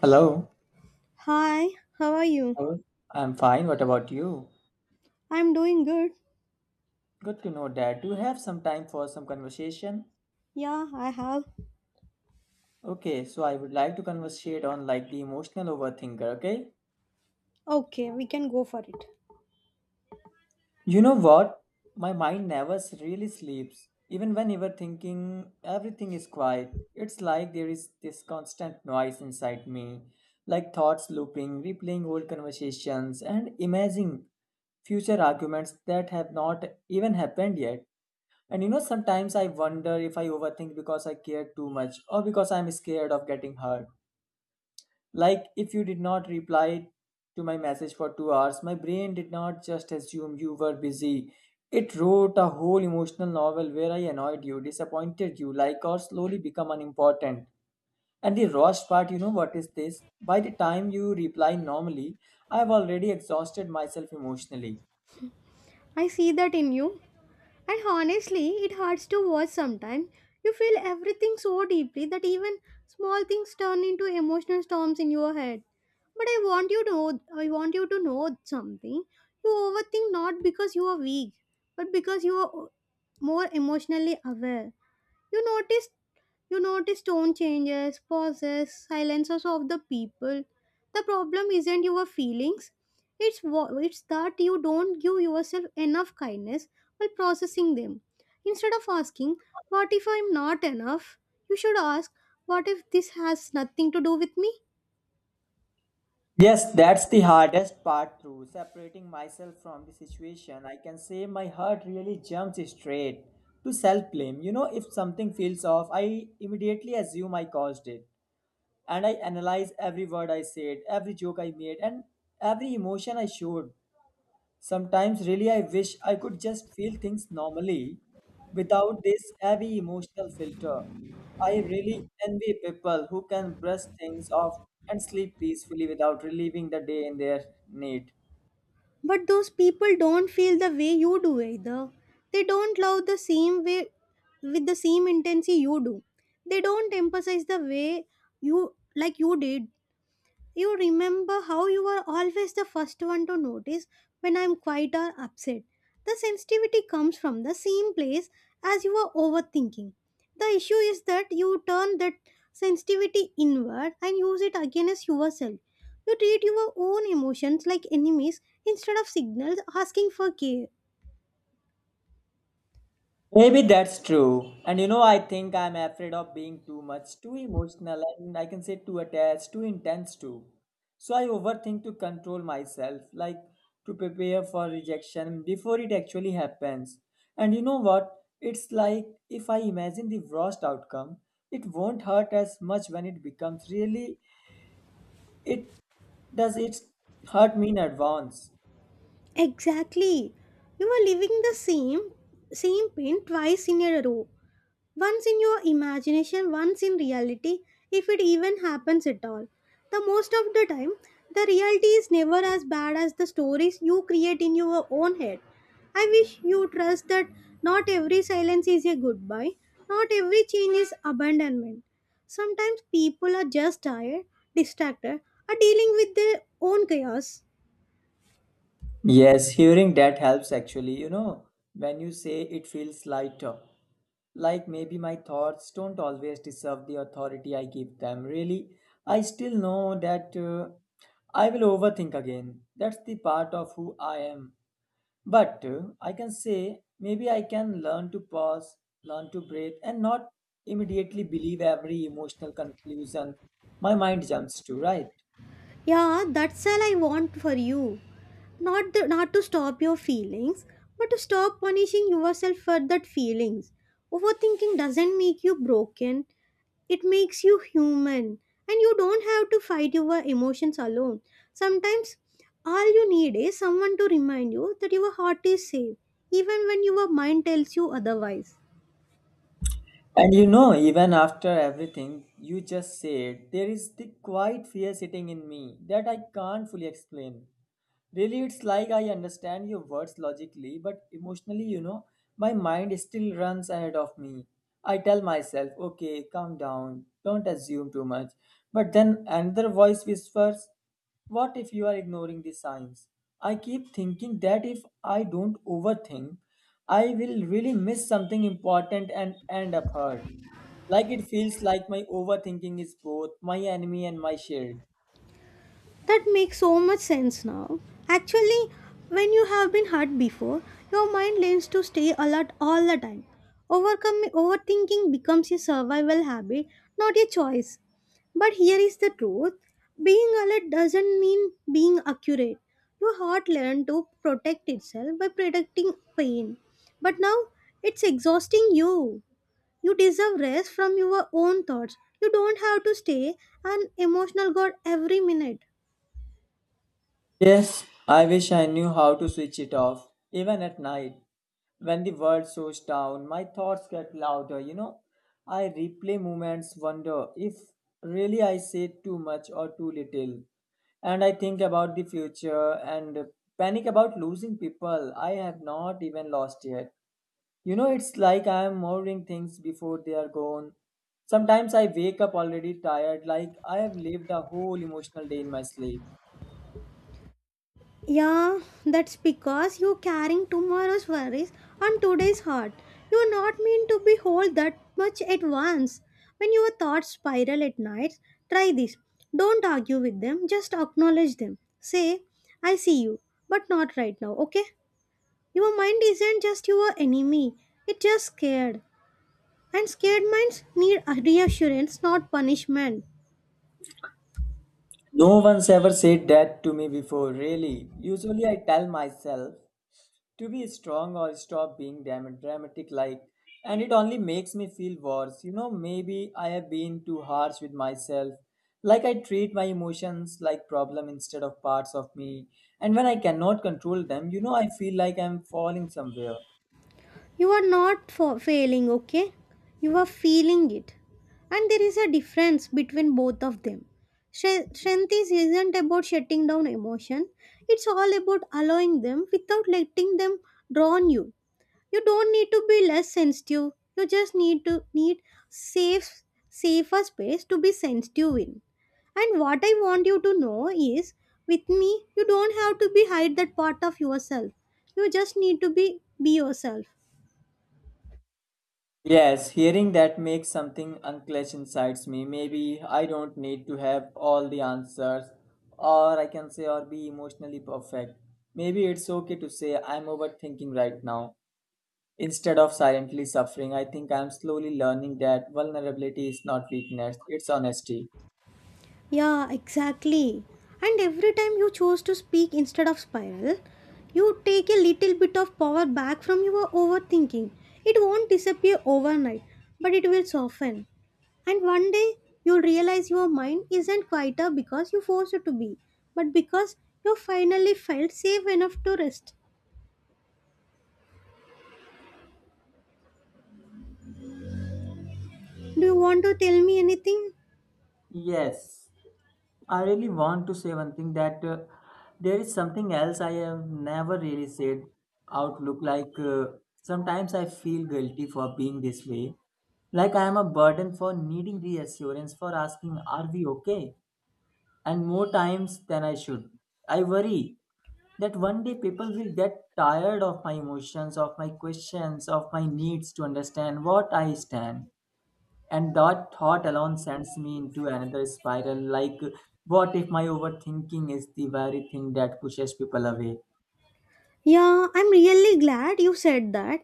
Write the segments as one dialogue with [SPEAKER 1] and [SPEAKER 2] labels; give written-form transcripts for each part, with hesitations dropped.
[SPEAKER 1] Hello.
[SPEAKER 2] Hi, how are you?
[SPEAKER 1] Hello. I'm fine. What about you?
[SPEAKER 2] I'm doing good.
[SPEAKER 1] Good to know that. Do you have some time for some conversation?
[SPEAKER 2] Yeah, I have.
[SPEAKER 1] Okay, so I would like to conversate on like the emotional overthinker, okay?
[SPEAKER 2] Okay, we can go for it.
[SPEAKER 1] You know what? My mind never s- really sleeps. Even when you were thinking everything is quiet, it's like there is this constant noise inside me, like thoughts looping, replaying old conversations, and imagining future arguments that have not even happened yet. And you know, sometimes I wonder if I overthink because I care too much or because I'm scared of getting hurt. Like, if you did not reply to my message for 2 hours, my brain did not just assume you were busy. It wrote a whole emotional novel where I annoyed you, disappointed you, like, or slowly become unimportant. And the worst part, you know what is this? By the time you reply normally, I have already exhausted myself emotionally.
[SPEAKER 2] I see that in you. And honestly, it hurts to watch sometimes. You feel everything so deeply that even small things turn into emotional storms in your head. But I want you to know something. You overthink not because you are weak, but because you are more emotionally aware. You notice You notice tone changes, pauses, silences of the people. The problem isn't your feelings. It's that you don't give yourself enough kindness while processing them. Instead of asking, "What if I'm not enough?" you should ask, "What if this has nothing to do with me?"
[SPEAKER 1] Yes, that's the hardest part through separating myself from the situation. I can say my heart really jumps straight to self blame. You know, if something feels off, I immediately assume I caused it. And I analyze every word I said, every joke I made, and every emotion I showed. Sometimes, really, I wish I could just feel things normally without this heavy emotional filter. I really envy people who can brush things off and sleep peacefully without relieving the day in their need.
[SPEAKER 2] But those people don't feel the way you do either. They don't love the same way with the same intensity you do. They don't emphasize the way you like you did you remember how you are always the first one to notice when I am quiet or upset. The sensitivity comes from the same place as you are overthinking. The issue is that you turn that sensitivity inward and use it against yourself. You treat your own emotions like enemies instead of signals asking for care.
[SPEAKER 1] Maybe that's true. And you know, I think I'm afraid of being too much, too emotional, and I can say too attached, too intense too. So I overthink to control myself, like to prepare for rejection before it actually happens. And you know what? It's like if I imagine the worst outcome, it won't hurt as much when it becomes really it does it hurt me in advance.
[SPEAKER 2] Exactly. You are living the same pain twice in a row. Once in your imagination, once in reality, if it even happens at all. The most of the time, the reality is never as bad as the stories you create in your own head. I wish you trust that not every silence is a goodbye, not every change is abandonment. Sometimes people are just tired, distracted, are dealing with their own chaos.
[SPEAKER 1] Yes, hearing that helps actually, you know, when you say it feels lighter. Like maybe my thoughts don't always deserve the authority I give them. Really, I still know that I will overthink again. That's the part of who I am. But I can say maybe I can learn to pause, learn to breathe, and not immediately believe every emotional conclusion my mind jumps to, right?
[SPEAKER 2] Yeah, that's all I want for you. Not to stop your feelings, but to stop punishing yourself for that feelings. Overthinking doesn't make you broken. It makes you human and you don't have to fight your emotions alone. Sometimes all you need is someone to remind you that your heart is safe even when your mind tells you otherwise.
[SPEAKER 1] And you know, even after everything you just said, there is the quiet fear sitting in me that I can't fully explain. Really, it's like I understand your words logically, but emotionally, you know, my mind still runs ahead of me. I tell myself, okay, calm down, don't assume too much. But then another voice whispers, what if you are ignoring the signs? I keep thinking that if I don't overthink, I will really miss something important and end up hurt. Like it feels like my overthinking is both my enemy and my shield.
[SPEAKER 2] That makes so much sense now. Actually, when you have been hurt before, your mind learns to stay alert all the time. Overcome overthinking becomes a survival habit, not a choice. But here is the truth. Being alert doesn't mean being accurate. Your heart learned to protect itself by protecting pain. But now it's exhausting you. You deserve rest from your own thoughts. You don't have to stay an emotional god every minute.
[SPEAKER 1] Yes, I wish I knew how to switch it off, even at night. When the world slows down, my thoughts get louder, you know. I replay moments, wonder if really I said too much or too little. And I think about the future and panic about losing people I have not even lost yet. You know, it's like I am mourning things before they are gone. Sometimes I wake up already tired, like I have lived a whole emotional day in my sleep.
[SPEAKER 2] Yeah, that's because you're carrying tomorrow's worries on today's heart. You're not meant to be whole that much at once. When your thoughts spiral at night, try this. Don't argue with them, just acknowledge them. Say, I see you, but not right now, okay? Your mind isn't just your enemy, it's just scared. And scared minds need reassurance, not punishment.
[SPEAKER 1] No one's ever said that to me before, really. Usually I tell myself to be strong or stop being dramatic like and it only makes me feel worse. You know, maybe I have been too harsh with myself. Like I treat my emotions like problem instead of parts of me. And when I cannot control them, you know I feel like I'm falling somewhere.
[SPEAKER 2] You are not fa- failing, okay? You are feeling it. And there is a difference between both of them. Strength is isn't about shutting down emotion, it's all about allowing them without letting them draw on you. You don't need to be less sensitive. You just need safe safer space to be sensitive in. And what I want you to know is with me you don't have to be hide that part of yourself. You just need to be yourself.
[SPEAKER 1] Yes, hearing that makes something unclench inside me. Maybe I don't need to have all the answers, or I can say, or be emotionally perfect. Maybe it's okay to say I'm overthinking right now. Instead of silently suffering, I think I'm slowly learning that vulnerability is not weakness, it's honesty.
[SPEAKER 2] Yeah, exactly. And every time you choose to speak instead of spiral, you take a little bit of power back from your overthinking. It won't disappear overnight, but it will soften. And one day you'll realize your mind isn't quieter because you forced it to be, but because you finally felt safe enough to rest. Do you want to tell me anything?
[SPEAKER 1] Yes. I really want to say one thing that there is something else I have never really said out look like sometimes I feel guilty for being this way like I am a burden for needing reassurance for asking are we okay and more times than I should I worry that one day people will get tired of my emotions of my questions of my needs to understand what I stand and that thought alone sends me into another spiral like, what if my overthinking is the very thing that pushes people away?
[SPEAKER 2] Yeah, I'm really glad you said that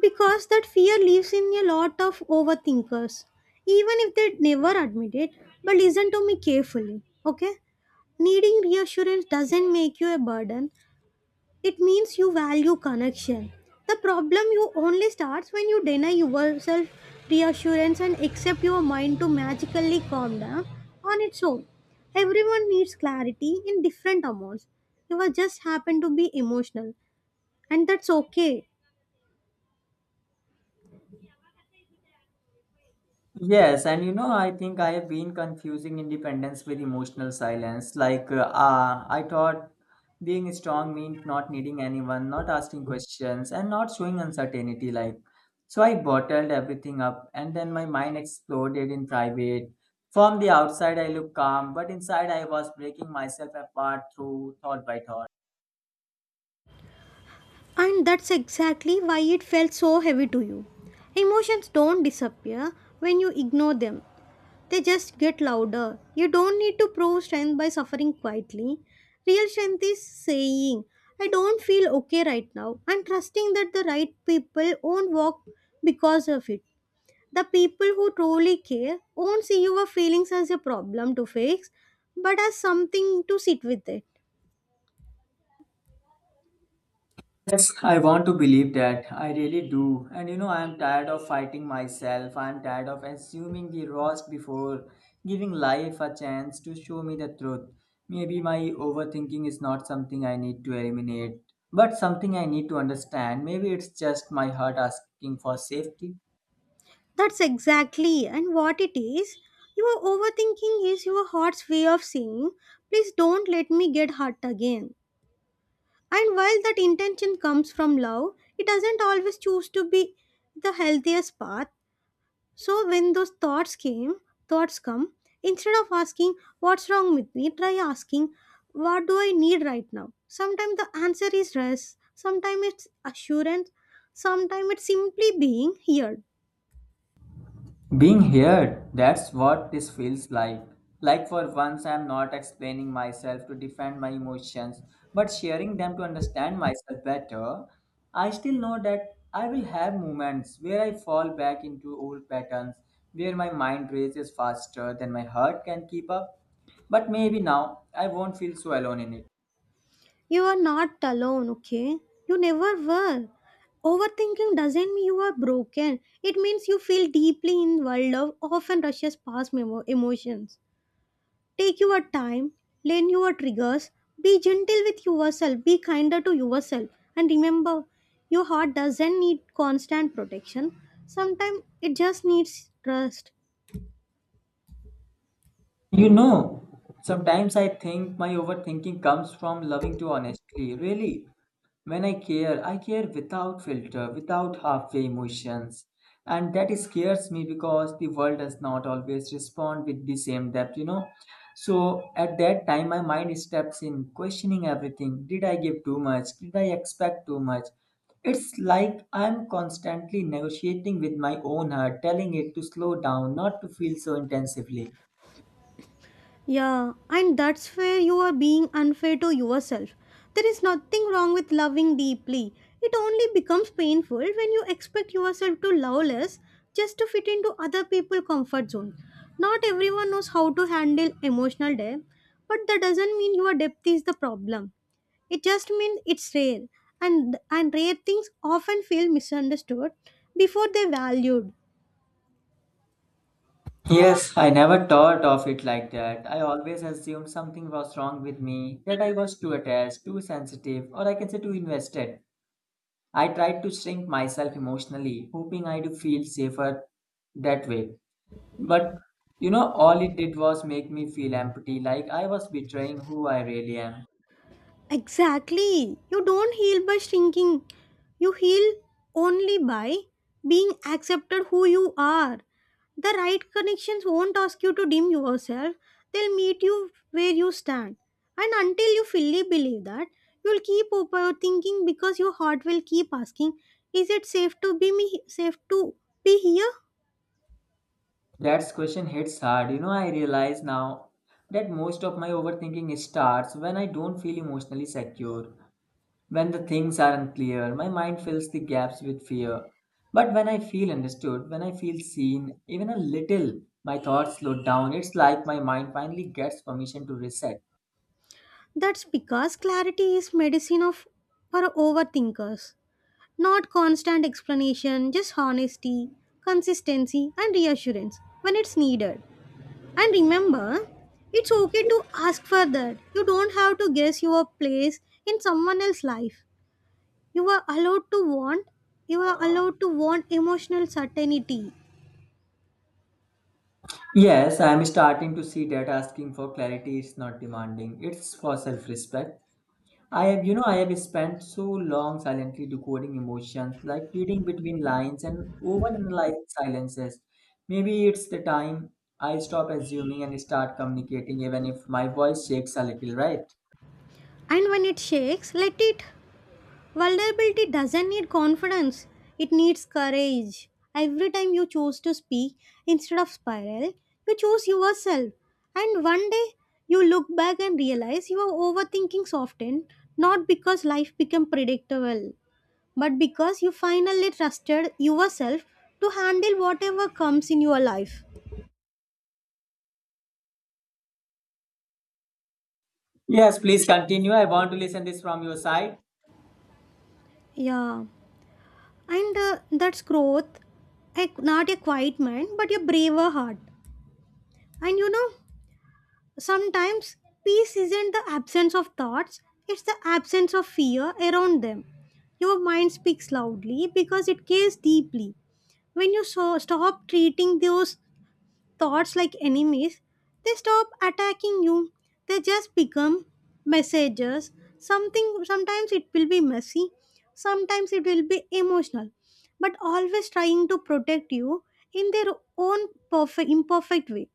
[SPEAKER 2] because that fear lives in a lot of overthinkers, even if they never admit it. But listen to me carefully, okay? Needing reassurance doesn't make you a burden, it means you value connection. The problem you only starts when you deny yourself reassurance and accept your mind to magically calm down on its own. Everyone needs clarity in different amounts. You just happen to be emotional and that's okay.
[SPEAKER 1] Yes, and you know, I think I have been confusing independence with emotional silence. Like, I thought being strong meant not needing anyone, not asking questions, and not showing uncertainty. Like, so I bottled everything up, and then my mind exploded in private. From the outside, I looked calm, but inside, I was breaking myself apart through thought by thought.
[SPEAKER 2] And that's exactly why it felt so heavy to you. Emotions don't disappear when you ignore them, they just get louder. You don't need to prove strength by suffering quietly. Real strength is saying, I don't feel okay right now, and trusting that the right people won't walk because of it. The people who truly care won't see your feelings as a problem to fix, but as something to sit with it.
[SPEAKER 1] Yes, I want to believe that. I really do. And you know, I am tired of fighting myself. I am tired of assuming the worst before giving life a chance to show me the truth. Maybe my overthinking is not something I need to eliminate, but something I need to understand. Maybe it's just my heart asking for safety.
[SPEAKER 2] That's exactly and what it is. Your overthinking is your heart's way of saying, please don't let me get hurt again. And while that intention comes from love, it doesn't always choose to be the healthiest path. So when those thoughts come, instead of asking what's wrong with me, try asking what do I need right now? Sometimes the answer is rest, sometimes it's assurance, sometimes it's simply being here.
[SPEAKER 1] Being here, that's what this feels like. Like for once, I'm not explaining myself to defend my emotions, but sharing them to understand myself better. I still know that I will have moments where I fall back into old patterns, where my mind races faster than my heart can keep up. But maybe now I won't feel so alone in it.
[SPEAKER 2] You are not alone, okay? You never were. Overthinking doesn't mean you are broken. It means you feel deeply in world of often rushes past emotions. Take your time, learn your triggers, be gentle with yourself, be kinder to yourself, and remember, your heart doesn't need constant protection. Sometimes it just needs trust.
[SPEAKER 1] You know, sometimes I think my overthinking comes from loving too honestly, really. When I care without filter, without halfway emotions. And that scares me because the world does not always respond with the same depth, you know. So at that time, my mind steps in, questioning everything. Did I give too much? Did I expect too much? It's like I'm constantly negotiating with my own heart, telling it to slow down, not to feel so intensively.
[SPEAKER 2] Yeah, and that's where you are being unfair to yourself. There is nothing wrong with loving deeply. It only becomes painful when you expect yourself to love less just to fit into other people's comfort zone. Not everyone knows how to handle emotional depth, but that doesn't mean your depth is the problem. It just means it's rare, and rare things often feel misunderstood before they're valued.
[SPEAKER 1] Yes, I never thought of it like that. I always assumed something was wrong with me, that I was too attached, too sensitive, or I can say too invested. I tried to shrink myself emotionally, hoping I'd feel safer that way. But you know, all it did was make me feel empty, like I was betraying who I really am.
[SPEAKER 2] Exactly. You don't heal by shrinking. You heal only by being accepted who you are. The right connections won't ask you to dim yourself. They'll meet you where you stand. And until you fully believe that, you'll keep overthinking because your heart will keep asking, is it safe to be me safe to be here?
[SPEAKER 1] That question hits hard. You know, I realize now that most of my overthinking starts when I don't feel emotionally secure. When the things aren't clear, my mind fills the gaps with fear. But when I feel understood, when I feel seen, even a little, my thoughts slow down. It's like my mind finally gets permission to reset.
[SPEAKER 2] That's because clarity is medicine of for overthinkers. Not constant explanation, just honesty, consistency, and reassurance when it's needed. And remember, it's okay to ask for that. You don't have to guess your place in someone else's life. You are allowed to want, you are allowed to want emotional certainty.
[SPEAKER 1] Yes, I am starting to see that asking for clarity is not demanding, it's for self respect. You know, I have spent so long silently decoding emotions, like reading between lines and overanalyzing silences. Maybe it's the time I stop assuming and start communicating, even if my voice shakes a little, right?
[SPEAKER 2] And when it shakes, let it Vulnerability doesn't need confidence, it needs courage. Every time you choose to speak instead of spiral, you choose yourself. And one day you look back and realize you were overthinking often, not because life became predictable, but because you finally trusted yourself to handle whatever comes in your life.
[SPEAKER 1] Yes, please continue. I want to listen this from your side.
[SPEAKER 2] Yeah, and that's growth. A, not a quiet mind, but a braver heart. And you know, sometimes peace isn't the absence of thoughts, it's the absence of fear around them. Your mind speaks loudly because it cares deeply. When you so stop treating those thoughts like enemies, they stop attacking you. They just become messengers. Something Sometimes it will be messy, sometimes it will be emotional, but always trying to protect you in their own perfect imperfect way.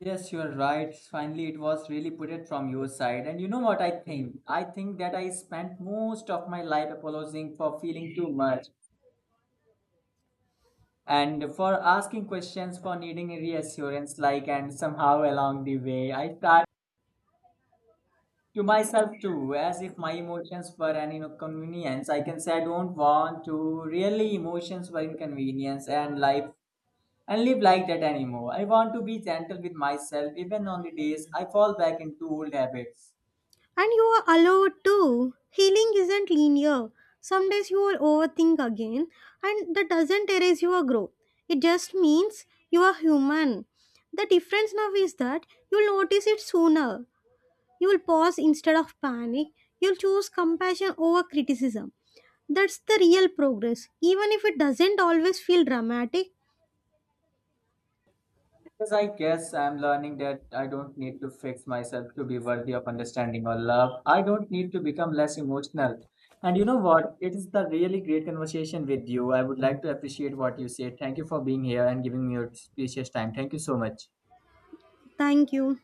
[SPEAKER 1] Yes, you are right. Finally, it was really put it from your side. And you know what I think? I think that I spent most of my life apologizing for feeling too much. And for asking questions for needing reassurance like and somehow along the way I thought to myself too as if my emotions were an inconvenience I can say I don't want to really emotions were inconvenience and life and live like that anymore I want to be gentle with myself even on the days I fall back into old habits.
[SPEAKER 2] And you are allowed to. Healing isn't linear. Some days you will overthink again, and that doesn't erase your growth. It just means you are human. The difference now is that you'll notice it sooner. You will pause instead of panic. You'll choose compassion over criticism. That's the real progress, even if it doesn't always feel dramatic.
[SPEAKER 1] Because I guess I'm learning that I don't need to fix myself to be worthy of understanding or love. I don't need to become less emotional. And you know what? It is the really great conversation with you. I would like to appreciate what you said. Thank you for being here and giving me your precious time. Thank you so much.
[SPEAKER 2] Thank you.